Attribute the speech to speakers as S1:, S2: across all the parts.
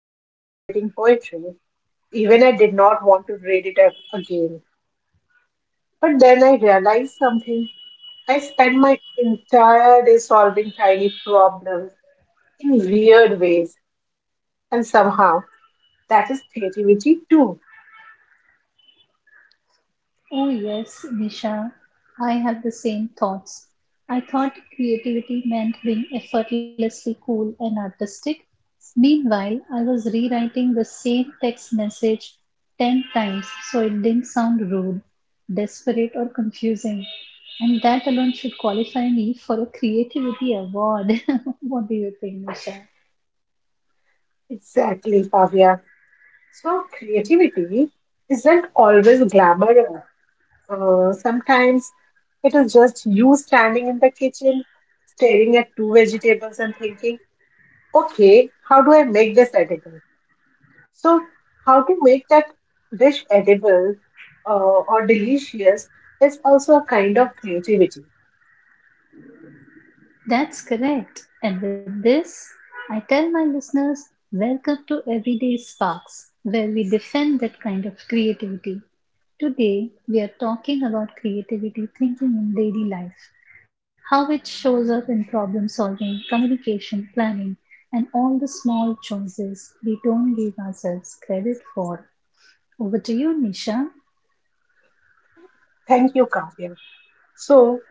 S1: I tried writing poetry, even I did not want to read it up again. But then I realized something. I spent my entire day solving tiny problems in weird ways, and somehow that is creativity too.
S2: Oh, yes, Nisha, I had the same thoughts. I thought creativity meant being effortlessly cool and artistic. Meanwhile, I was rewriting the same text message 10 times so it didn't sound rude, desperate, or confusing. And that alone should qualify me for a creativity award. What do you think, Nisha?
S1: Exactly, Kavya. So, creativity isn't always glamorous. Sometimes it is just you standing in the kitchen, staring at two vegetables and thinking, okay, how do I make this edible? So, how to make that dish edible uh, or delicious is also a kind of creativity.
S2: That's correct. And with this, I tell my listeners welcome to Everyday Sparks, where we defend that kind of creativity. Today, we are talking about creativity thinking in daily life, how it shows up in problem solving, communication, planning, and all the small choices we don't give ourselves credit for. Over to you, Nisha.
S1: Thank you, Kavya. So,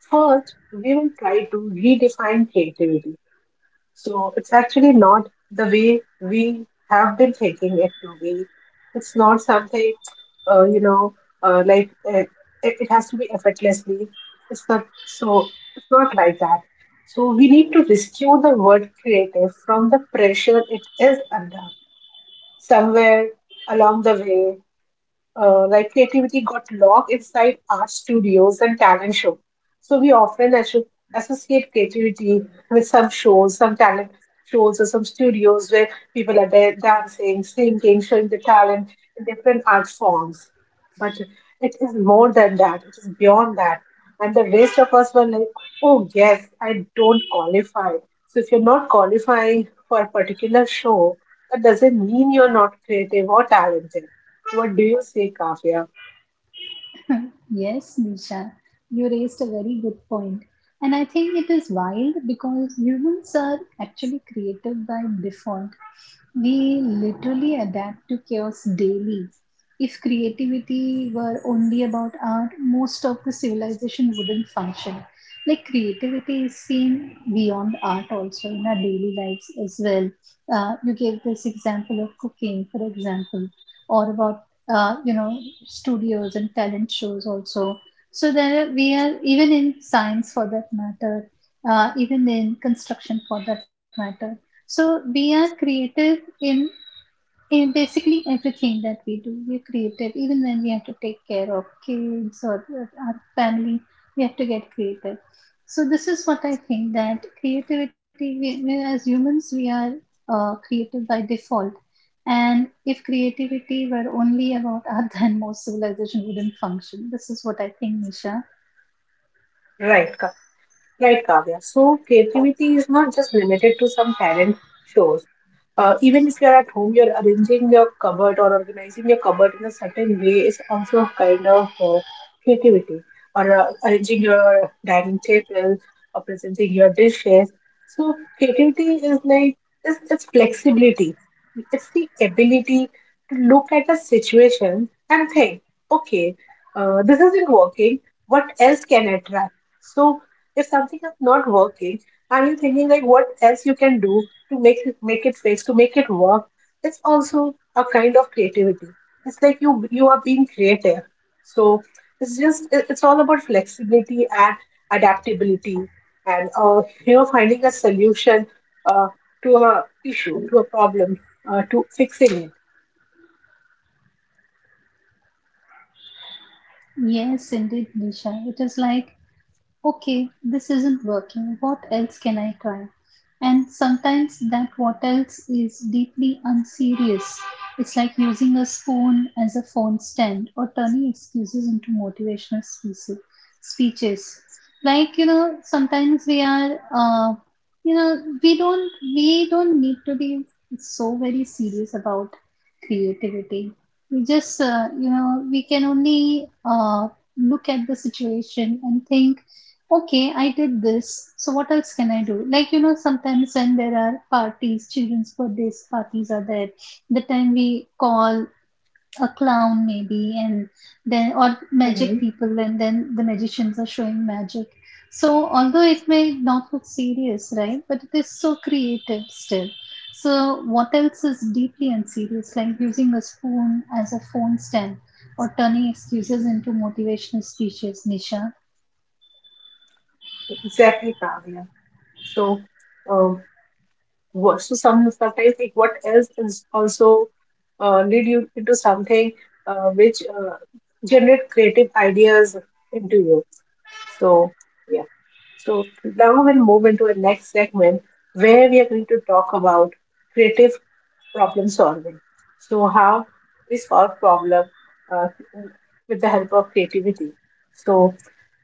S1: first, we will try to redefine creativity. So it's actually not the way we have been taking it to be. It's not something, uh, you know, uh, like uh, it, it has to be effortlessly. It's not so. It's not like that. So we need to rescue the word creative from the pressure it is under. Somewhere along the way, creativity got locked inside art studios and talent shows. So we often associate creativity with some shows, some talent shows or some studios where people are there dancing, singing, showing the talent in different art forms. But it is more than that. It is beyond that. And the rest of us were like, oh yes, I don't qualify. So if you're not qualifying for a particular show, that doesn't mean you're not creative or talented. What do you say, Kavya?
S2: Yes, Disha, you raised a very good point. And I think it is wild because humans are actually creative by default. We literally adapt to chaos daily. If creativity were only about art, most of the civilization wouldn't function. Like creativity is seen beyond art also in our daily lives as well. You gave this example of cooking, for example, or about uh, you know studios and talent shows also, so we are even in science for that matter, even in construction for that matter, so we are creative in basically everything that we do, we're creative. Even when we have to take care of kids or our family, we have to get creative. So this is what I think, that creativity, we as humans, we are creative by default. And if creativity were only about art, then most civilization wouldn't function. This is what I think, Nisha.
S1: Right, right, Kavya. So creativity is not just limited to some talent shows. Even if you're at home, you're arranging your cupboard or organizing your cupboard in a certain way is also a kind of creativity. Or arranging your dining table or presenting your dishes. So creativity is like it's flexibility. It's the ability to look at a situation and think, okay, this isn't working. What else can I try? So if something is not working, are you thinking like what else you can do to make it fix, to make it work? It's also a kind of creativity. It's like you are being creative. So it's just it's all about flexibility and adaptability and finding a solution uh, to a issue, to a problem, to fixing it.
S2: Yes, indeed, Nisha. It is like, okay, this isn't working. What else can I try? And sometimes that what else is deeply unserious. It's like using a spoon as a phone stand or turning excuses into motivational speeches. Like, sometimes we are, you know, we don't need to be so very serious about creativity. We just, we can only look at the situation and think, okay, I did this. So what else can I do? Like, sometimes when there are parties, children's birthdays parties are there, the time we call a clown maybe, and then or magic
S1: Mhm.
S2: people, and then the magicians are showing magic. So although it may not look serious, right? But it is so creative still. So what else is deeply unserious, like using a spoon as a phone stand or turning excuses into motivational speeches, Nisha?
S1: Exactly, Kavya. So. Um, worse. So sometimes like what else is also lead you into something which generate creative ideas into you. So yeah. So now we'll move into the next segment where we are going to talk about creative problem solving. So how we solve problem uh, with the help of creativity. So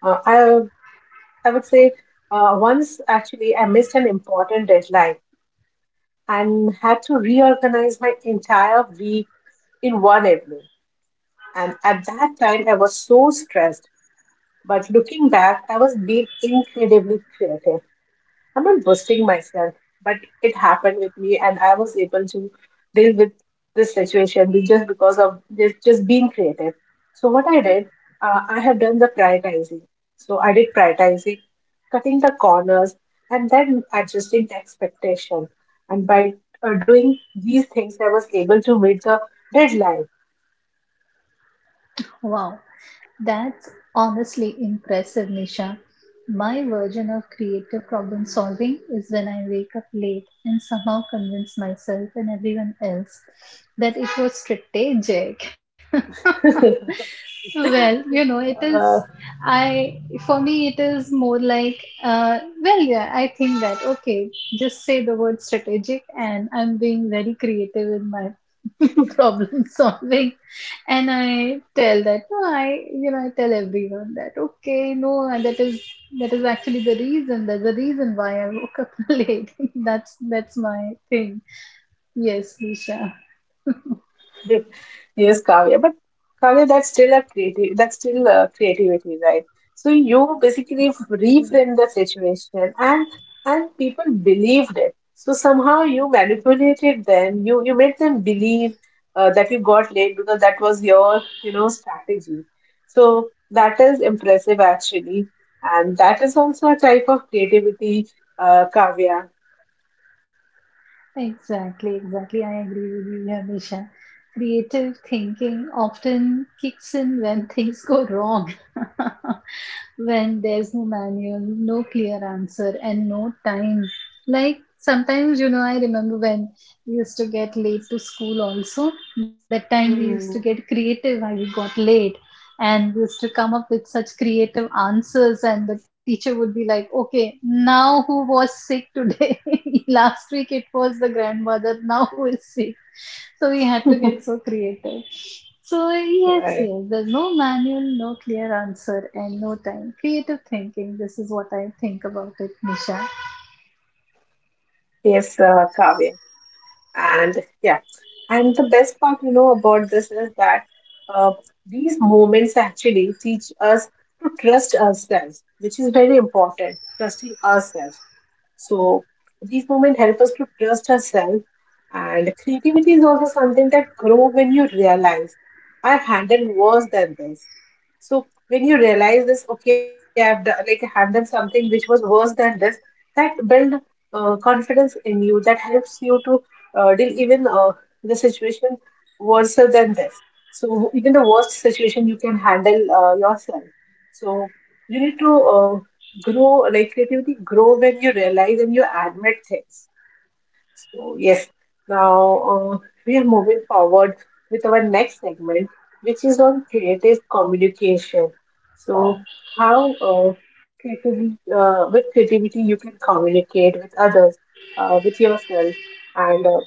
S1: uh, I I would say once actually I missed an important deadline and had to reorganize my entire week in one evening. And at that time, I was so stressed. But looking back, I was being incredibly creative. I'm not boasting myself, but it happened with me, and I was able to deal with this situation just because of this, just being creative. So, what I did, I have done the prioritizing. So, I did prioritizing, cutting the corners, and then adjusting the expectation. And by doing these things, I was able to meet the deadline.
S2: Wow. That's honestly impressive, Nisha. My version of creative problem solving is when I wake up late and somehow convince myself and everyone else that it was strategic. Well, it is.
S1: Uh,
S2: I for me, it is more like, well, yeah, I think that, okay, just say the word strategic and I'm being very creative in my problem solving. And I tell that no, I, I tell everyone that, okay, no, and that is actually the reason. That's the reason why I woke up late. That's my thing. Yes, Nisha.
S1: Yes, Kavya, that's still a creativity, right? So you basically
S2: Yeah.
S1: reframe the situation, and people believed it. So somehow you manipulated them. You made them believe that you got late because that was your strategy. So that is impressive actually, and that is also a type of creativity, Kavya.
S2: Exactly, exactly. I agree with you here, Nisha. Creative thinking often kicks in when things go wrong. When there's no manual, no clear answer, and no time. Like sometimes, I remember when we used to get late to school also. That time we used to get
S1: Hmm.
S2: creative why we got late, and we used to come up with such creative answers, and the teacher would be like, okay, now who was sick today? Last week it was the grandmother, now who is sick? So we had to get so creative. So yes,
S1: Right.
S2: yes, there's no manual, no clear answer, and no time. Creative thinking. This is what I think about it, Nisha.
S1: Yes, Kavya. And yeah, and the best part about this is that uh, these moments actually teach us to trust ourselves, which is very important, trusting ourselves so these moments help us to trust ourselves. And creativity is also something that grows when you realize I've handled worse than this. So when you realize this, okay, I've done, like handled something which was worse than this, that build confidence in you. That helps you to deal even the situation worse than this. So even the worst situation you can handle yourself. So you need to grow, like creativity grow when you realize and you admit things. So yes, now we are moving forward with our next segment, which is on creative communication. So how creativity with creativity you can communicate with others, with yourself, and uh,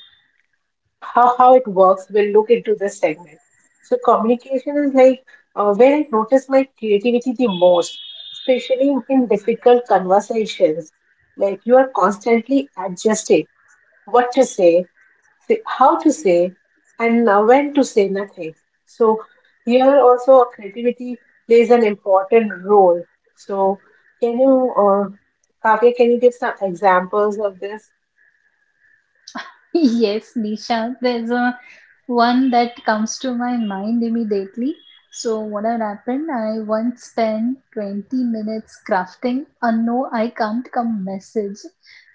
S1: how, how it works. We'll look into this segment. So communication is like where I notice my creativity the most, especially in difficult conversations. Like you are constantly adjusting what to say, how to say, and when to say nothing. So here also creativity plays an important role. So can you, uh, Kavya, can you give some examples of this?
S2: Yes, Nisha, there's a one that comes to my mind immediately. So what had happened? I once spent 20 minutes crafting a no, I can't come message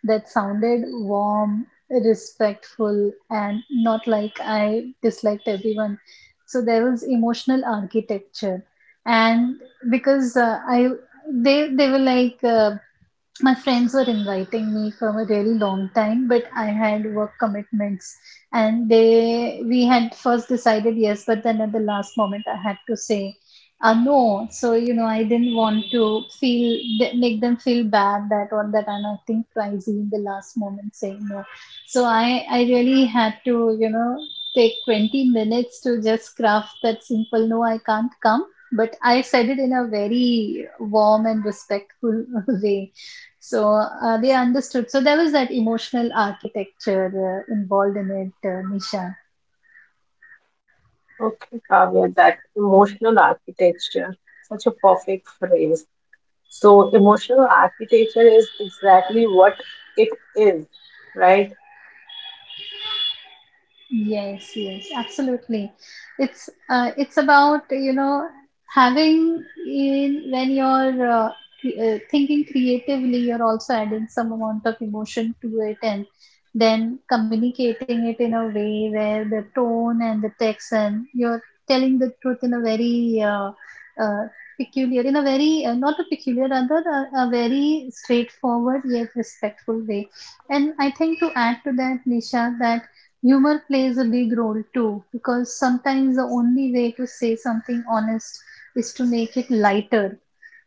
S2: that sounded warm, respectful, and not like I disliked everyone. So there was emotional architecture. And because I they were like, my friends were inviting me from a really long time, but I had work commitments, and they we had first decided yes, but then at the last moment I had to say no. So I didn't want to feel make them feel bad, that, or that I'm acting crazy in the last moment saying no. So I really had to, take 20 minutes to just craft that simple no, I can't come, but I said it in a very warm and respectful way. So they understood. So there was that emotional architecture, involved in it, Nisha.
S1: Okay, Kavya, that emotional architecture, such a perfect phrase. So, emotional architecture is exactly what it is, right?
S2: Yes, yes, absolutely. It's about, having in when you're thinking creatively, you're also adding some amount of emotion to it, and then communicating it in a way where the tone and the text and you're telling the truth in a very uh, peculiar, in a very not a peculiar, rather a very straightforward yet respectful way. And I think to add to that, Nisha, that humor plays a big role too, because sometimes the only way to say something honest is to make it lighter.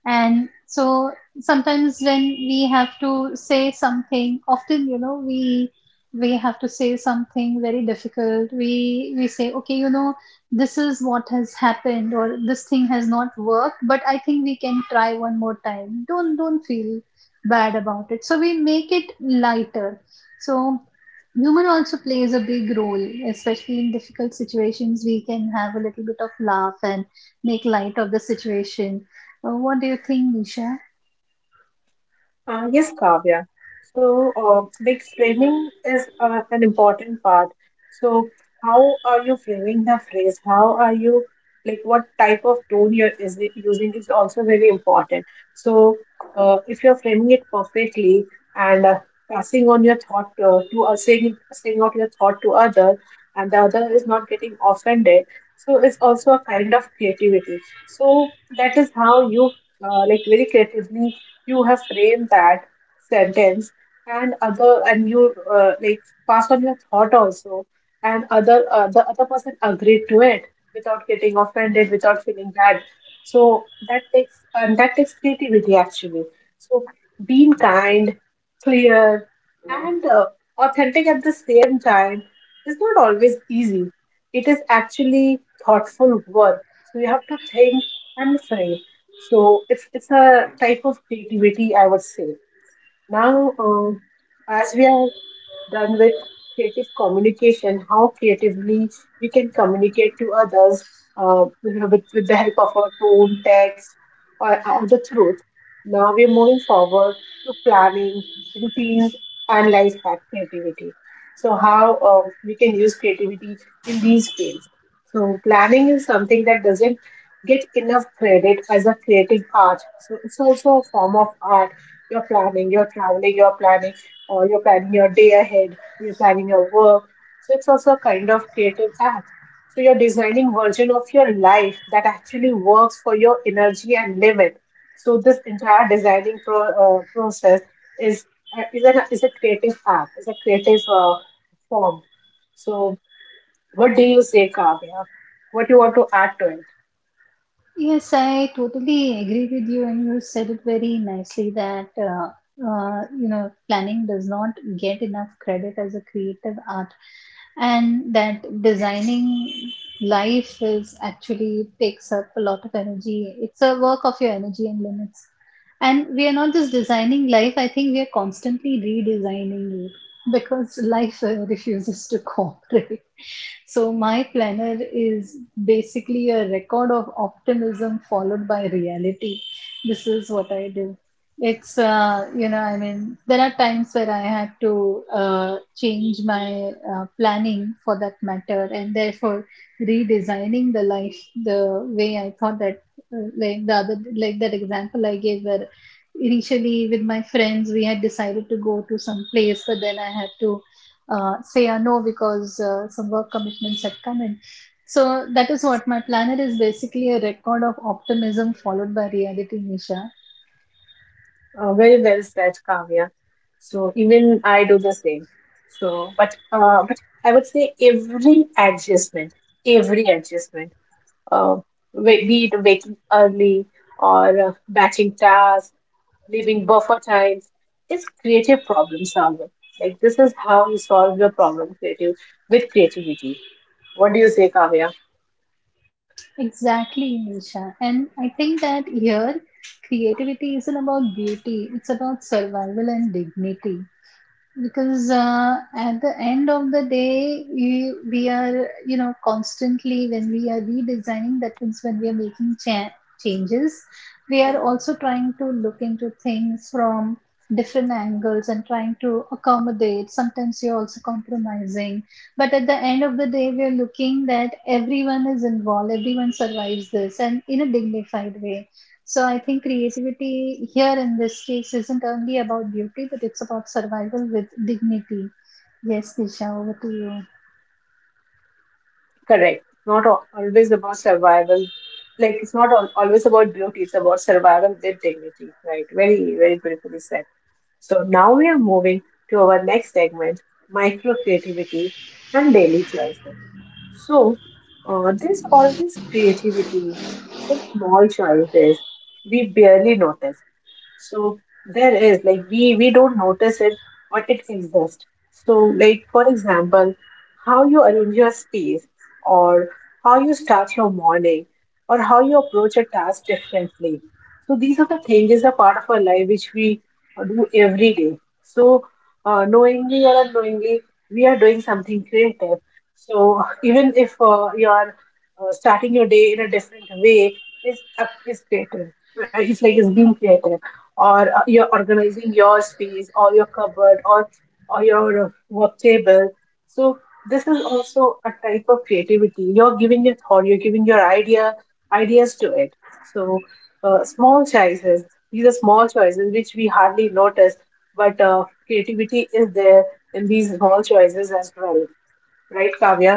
S2: And so sometimes when we have to say something often, we have to say something very difficult, we say, okay, this is what has happened, or this thing has not worked, but I think we can try one more time, don't feel bad about it, so we make it lighter. So humor also plays a big role, especially in difficult situations we can have a little bit of laugh and make light of the situation. What do you think, Nisha?
S1: Yes, Kavya. So, framing is an important part. So, how are you framing the phrase? How are you, like, what type of tone you're is it using is also very important. So, if you're framing it perfectly and passing on your thought to saying saying out your thought to other, and the other is not getting offended. So, it's also a kind of creativity. So, that is how you very creatively you have framed that sentence and other and you passed on your thought also, and other, the other person agreed to it without getting offended, without feeling bad. So that takes creativity actually. So being kind, clear, and authentic at the same time is not always easy. It is actually thoughtful work, so you have to think and frame. So it's a type of creativity, I would say. Now, as we are done with creative communication, how creatively we can communicate to others with, the help of our tone, text, or the truth. Now we are moving forward to planning, routines, and life hack creativity. So, how we can use creativity in these fields. So, planning is something that doesn't get enough credit as a creative art. So, it's also a form of art. You're planning, you're traveling, you're planning or you're planning your day ahead, you're planning your work. So it's also a kind of creative act. So you're designing version of your life that actually works for your energy and limit. So this entire designing process is is a creative act, is a creative form. So what do you say, Kavya? What you want to add to it?
S2: Yes, I totally agree with you, and you said it very nicely that, planning does not get enough credit as a creative art, and that designing life is actually takes up a lot of energy. It's a work of your energy and limits, and we are not just designing life. I think we are constantly redesigning it because life refuses to cooperate. So my planner is basically a record of optimism followed by reality. This is what I do. It's, I mean, there are times where I had to change my planning for that matter, and therefore redesigning the life the way I thought that, like the other, like that example I gave where initially with my friends we had decided to go to some place, but then I had to say a no because some work commitments had come in. So that is what my planner is basically a record of optimism followed by reality, Nisha.
S1: Very well said, Kavya. So even I do the same. So, but I would say every adjustment, every adjustment, uh, be it waking early or batching tasks, leaving buffer times, is creative problem solving. Like this is how you solve your problem creative with creativity. What do you say, Kavya?
S2: Exactly, Nisha. And I think that here creativity isn't about beauty, it's about survival and dignity. Because at the end of the day, we are, constantly when we are redesigning, that means when we are making changes, we are also trying to look into things from different angles and trying to accommodate. Sometimes you're also compromising. But at the end of the day, we are looking that everyone is involved, everyone survives this, and in a dignified way. So I think creativity here in this case isn't only about beauty, but it's about survival with dignity. Yes, Disha, over to you.
S1: Correct. Not always about survival. Like it's not always about beauty. It's about survival with dignity. Right. Very, very beautifully said. So now we are moving to our next segment: micro creativity and daily choices. So there's always creativity in small choices we barely notice. So there is, like, we don't notice it, but it exists. So like, for example, how you arrange your space, or how you start your morning, or how you approach a task differently. So these are the things is a part of our life which we do every day. So knowingly or unknowingly, we are doing something creative. So even if you are starting your day in a different way, is creative. It's like it's being creative, or you're organizing your space or your cupboard or your work table. So this is also a type of creativity, you're giving your thought, you're giving your ideas to it. So small choices these are small choices which we hardly notice, but creativity is there in these small choices as well, right, Kavya?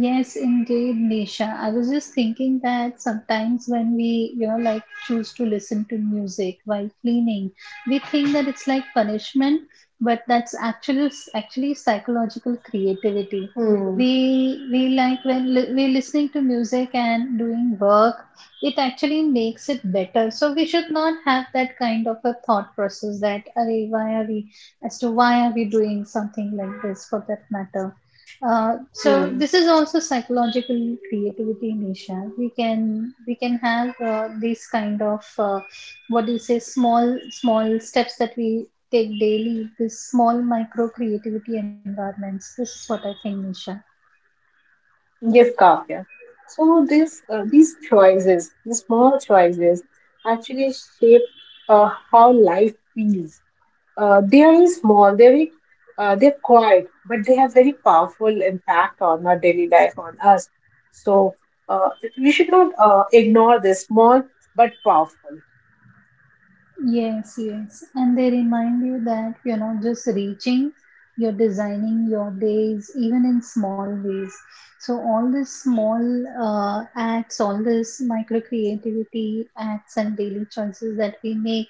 S2: Yes, indeed, Nisha. I was just thinking that sometimes when we, like choose to listen to music while cleaning, we think that it's like punishment, but that's actually psychological creativity.
S1: Hmm.
S2: We like when we're listening to music and doing work, it actually makes it better. So we should not have that kind of a thought process that, "Arey, why are we doing something like this for that matter?" So
S1: Hmm.
S2: this is also psychological creativity, Nisha. We can have, these kind of, what do you say, small steps that we take daily. This small micro creativity environments. This is what I think, Nisha.
S1: Yes, Kavya. So these choices, the small choices, actually shape how life feels. They are very small, they're quiet, but they have very powerful impact on our daily life, on us. So uh, we should not ignore this small but powerful.
S2: Yes, yes. And they remind you that you're not just reaching, you're designing your days, even in small ways. So, all these small, acts, all this micro creativity acts and daily choices that we make,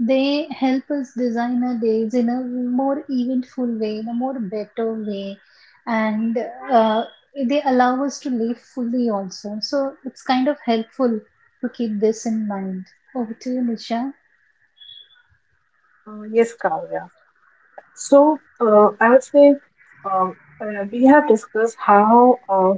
S2: they help us design our days in a more eventful way, in a more better way. And uh, they allow us to live fully also. So, it's kind of helpful to keep this in mind. Over to you, Nisha.
S1: Yes, Kavya. So I would say uh, we have discussed how.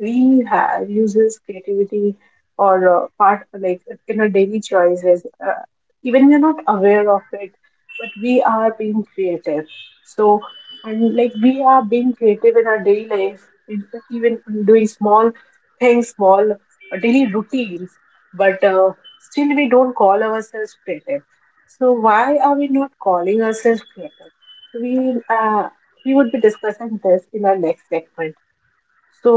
S1: We have uses creativity, or part like, in our daily choices, even we're not aware of it, but we are being creative. So, and like, we are being creative in our daily life in, even doing small things, small daily routines, but still we don't call ourselves creative. So why are we not calling ourselves creative? So we would be discussing this in our next segment. So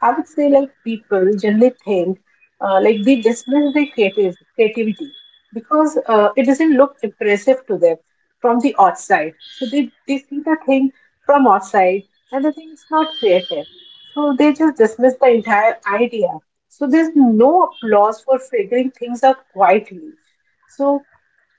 S1: I would say, like, people generally think they dismiss their creative creativity because it doesn't look impressive to them from the outside. So they see the thing from outside and the thing is not creative. So they just dismiss the entire idea. So there's no applause for figuring things out quietly. So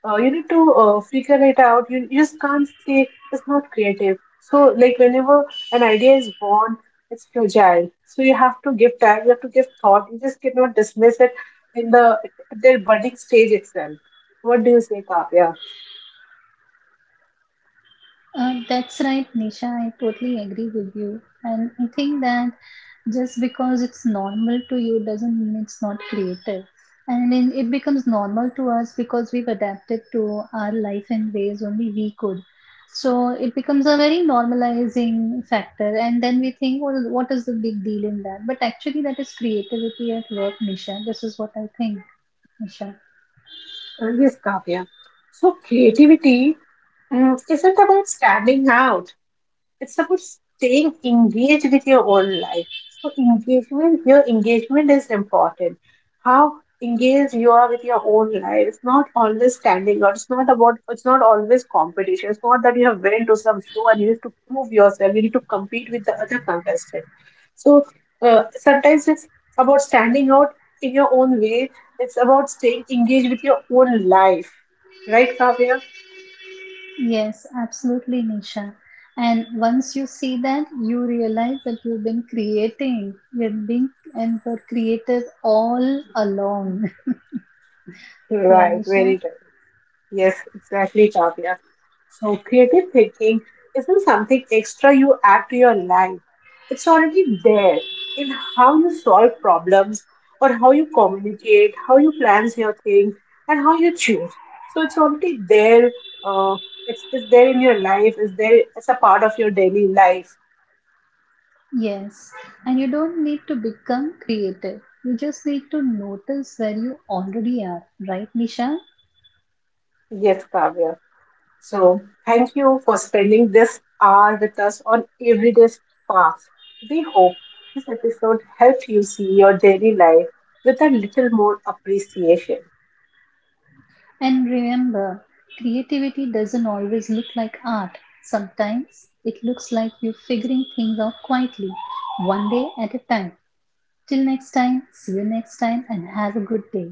S1: you need to figure it out. You just can't say it's not creative. So, like, whenever an idea is born, it's fragile. So, you have to give time, you have to give thought. You just cannot dismiss it in their budding stage itself. What do you say, Kavya?
S2: That's right, Nisha. I totally agree with you. And I think that just because it's normal to you doesn't mean it's not creative. And then it becomes normal to us because we've adapted to our life in ways only we could. So it becomes a very normalizing factor. And then we think, well, what is the big deal in that? But actually, that is creativity at work, Nisha. This is what I think, Nisha.
S1: Yes, Kavya. So, creativity isn't about standing out. It's about staying engaged with your own life. So engagement, your engagement is important. How engaged you are with your own life. It's not always standing out. It's not about. It's not always competition. It's not that you have been to some show and you have to prove yourself. You need to compete with the other contestant. So sometimes it's about standing out in your own way. It's about staying engaged with your own life. Right, Kavya?
S2: Yes, absolutely, Nisha. And once you see that, you realize that you've been creating, you've been and were creative all along. Yeah,
S1: Right,
S2: Nisha?
S1: very right. Yes, exactly, Kavya. So, creative thinking isn't something extra you add to your life. It's already there in how you solve problems or how you communicate, how you plan your thing, and how you choose. So, it's already there. Uh, it's there in your life, it's there as a part of your daily life.
S2: Yes. And you don't need to become creative. You just need to notice where you already are, right, Nisha?
S1: Yes, Kavya. So, thank you for spending this hour with us on Everyday Sparks. We hope this episode helped you see your daily life with a little more appreciation.
S2: And remember, creativity doesn't always look like art. Sometimes it looks like you figuring things out quietly, one day at a time. Till next time, see you next time and have a good day.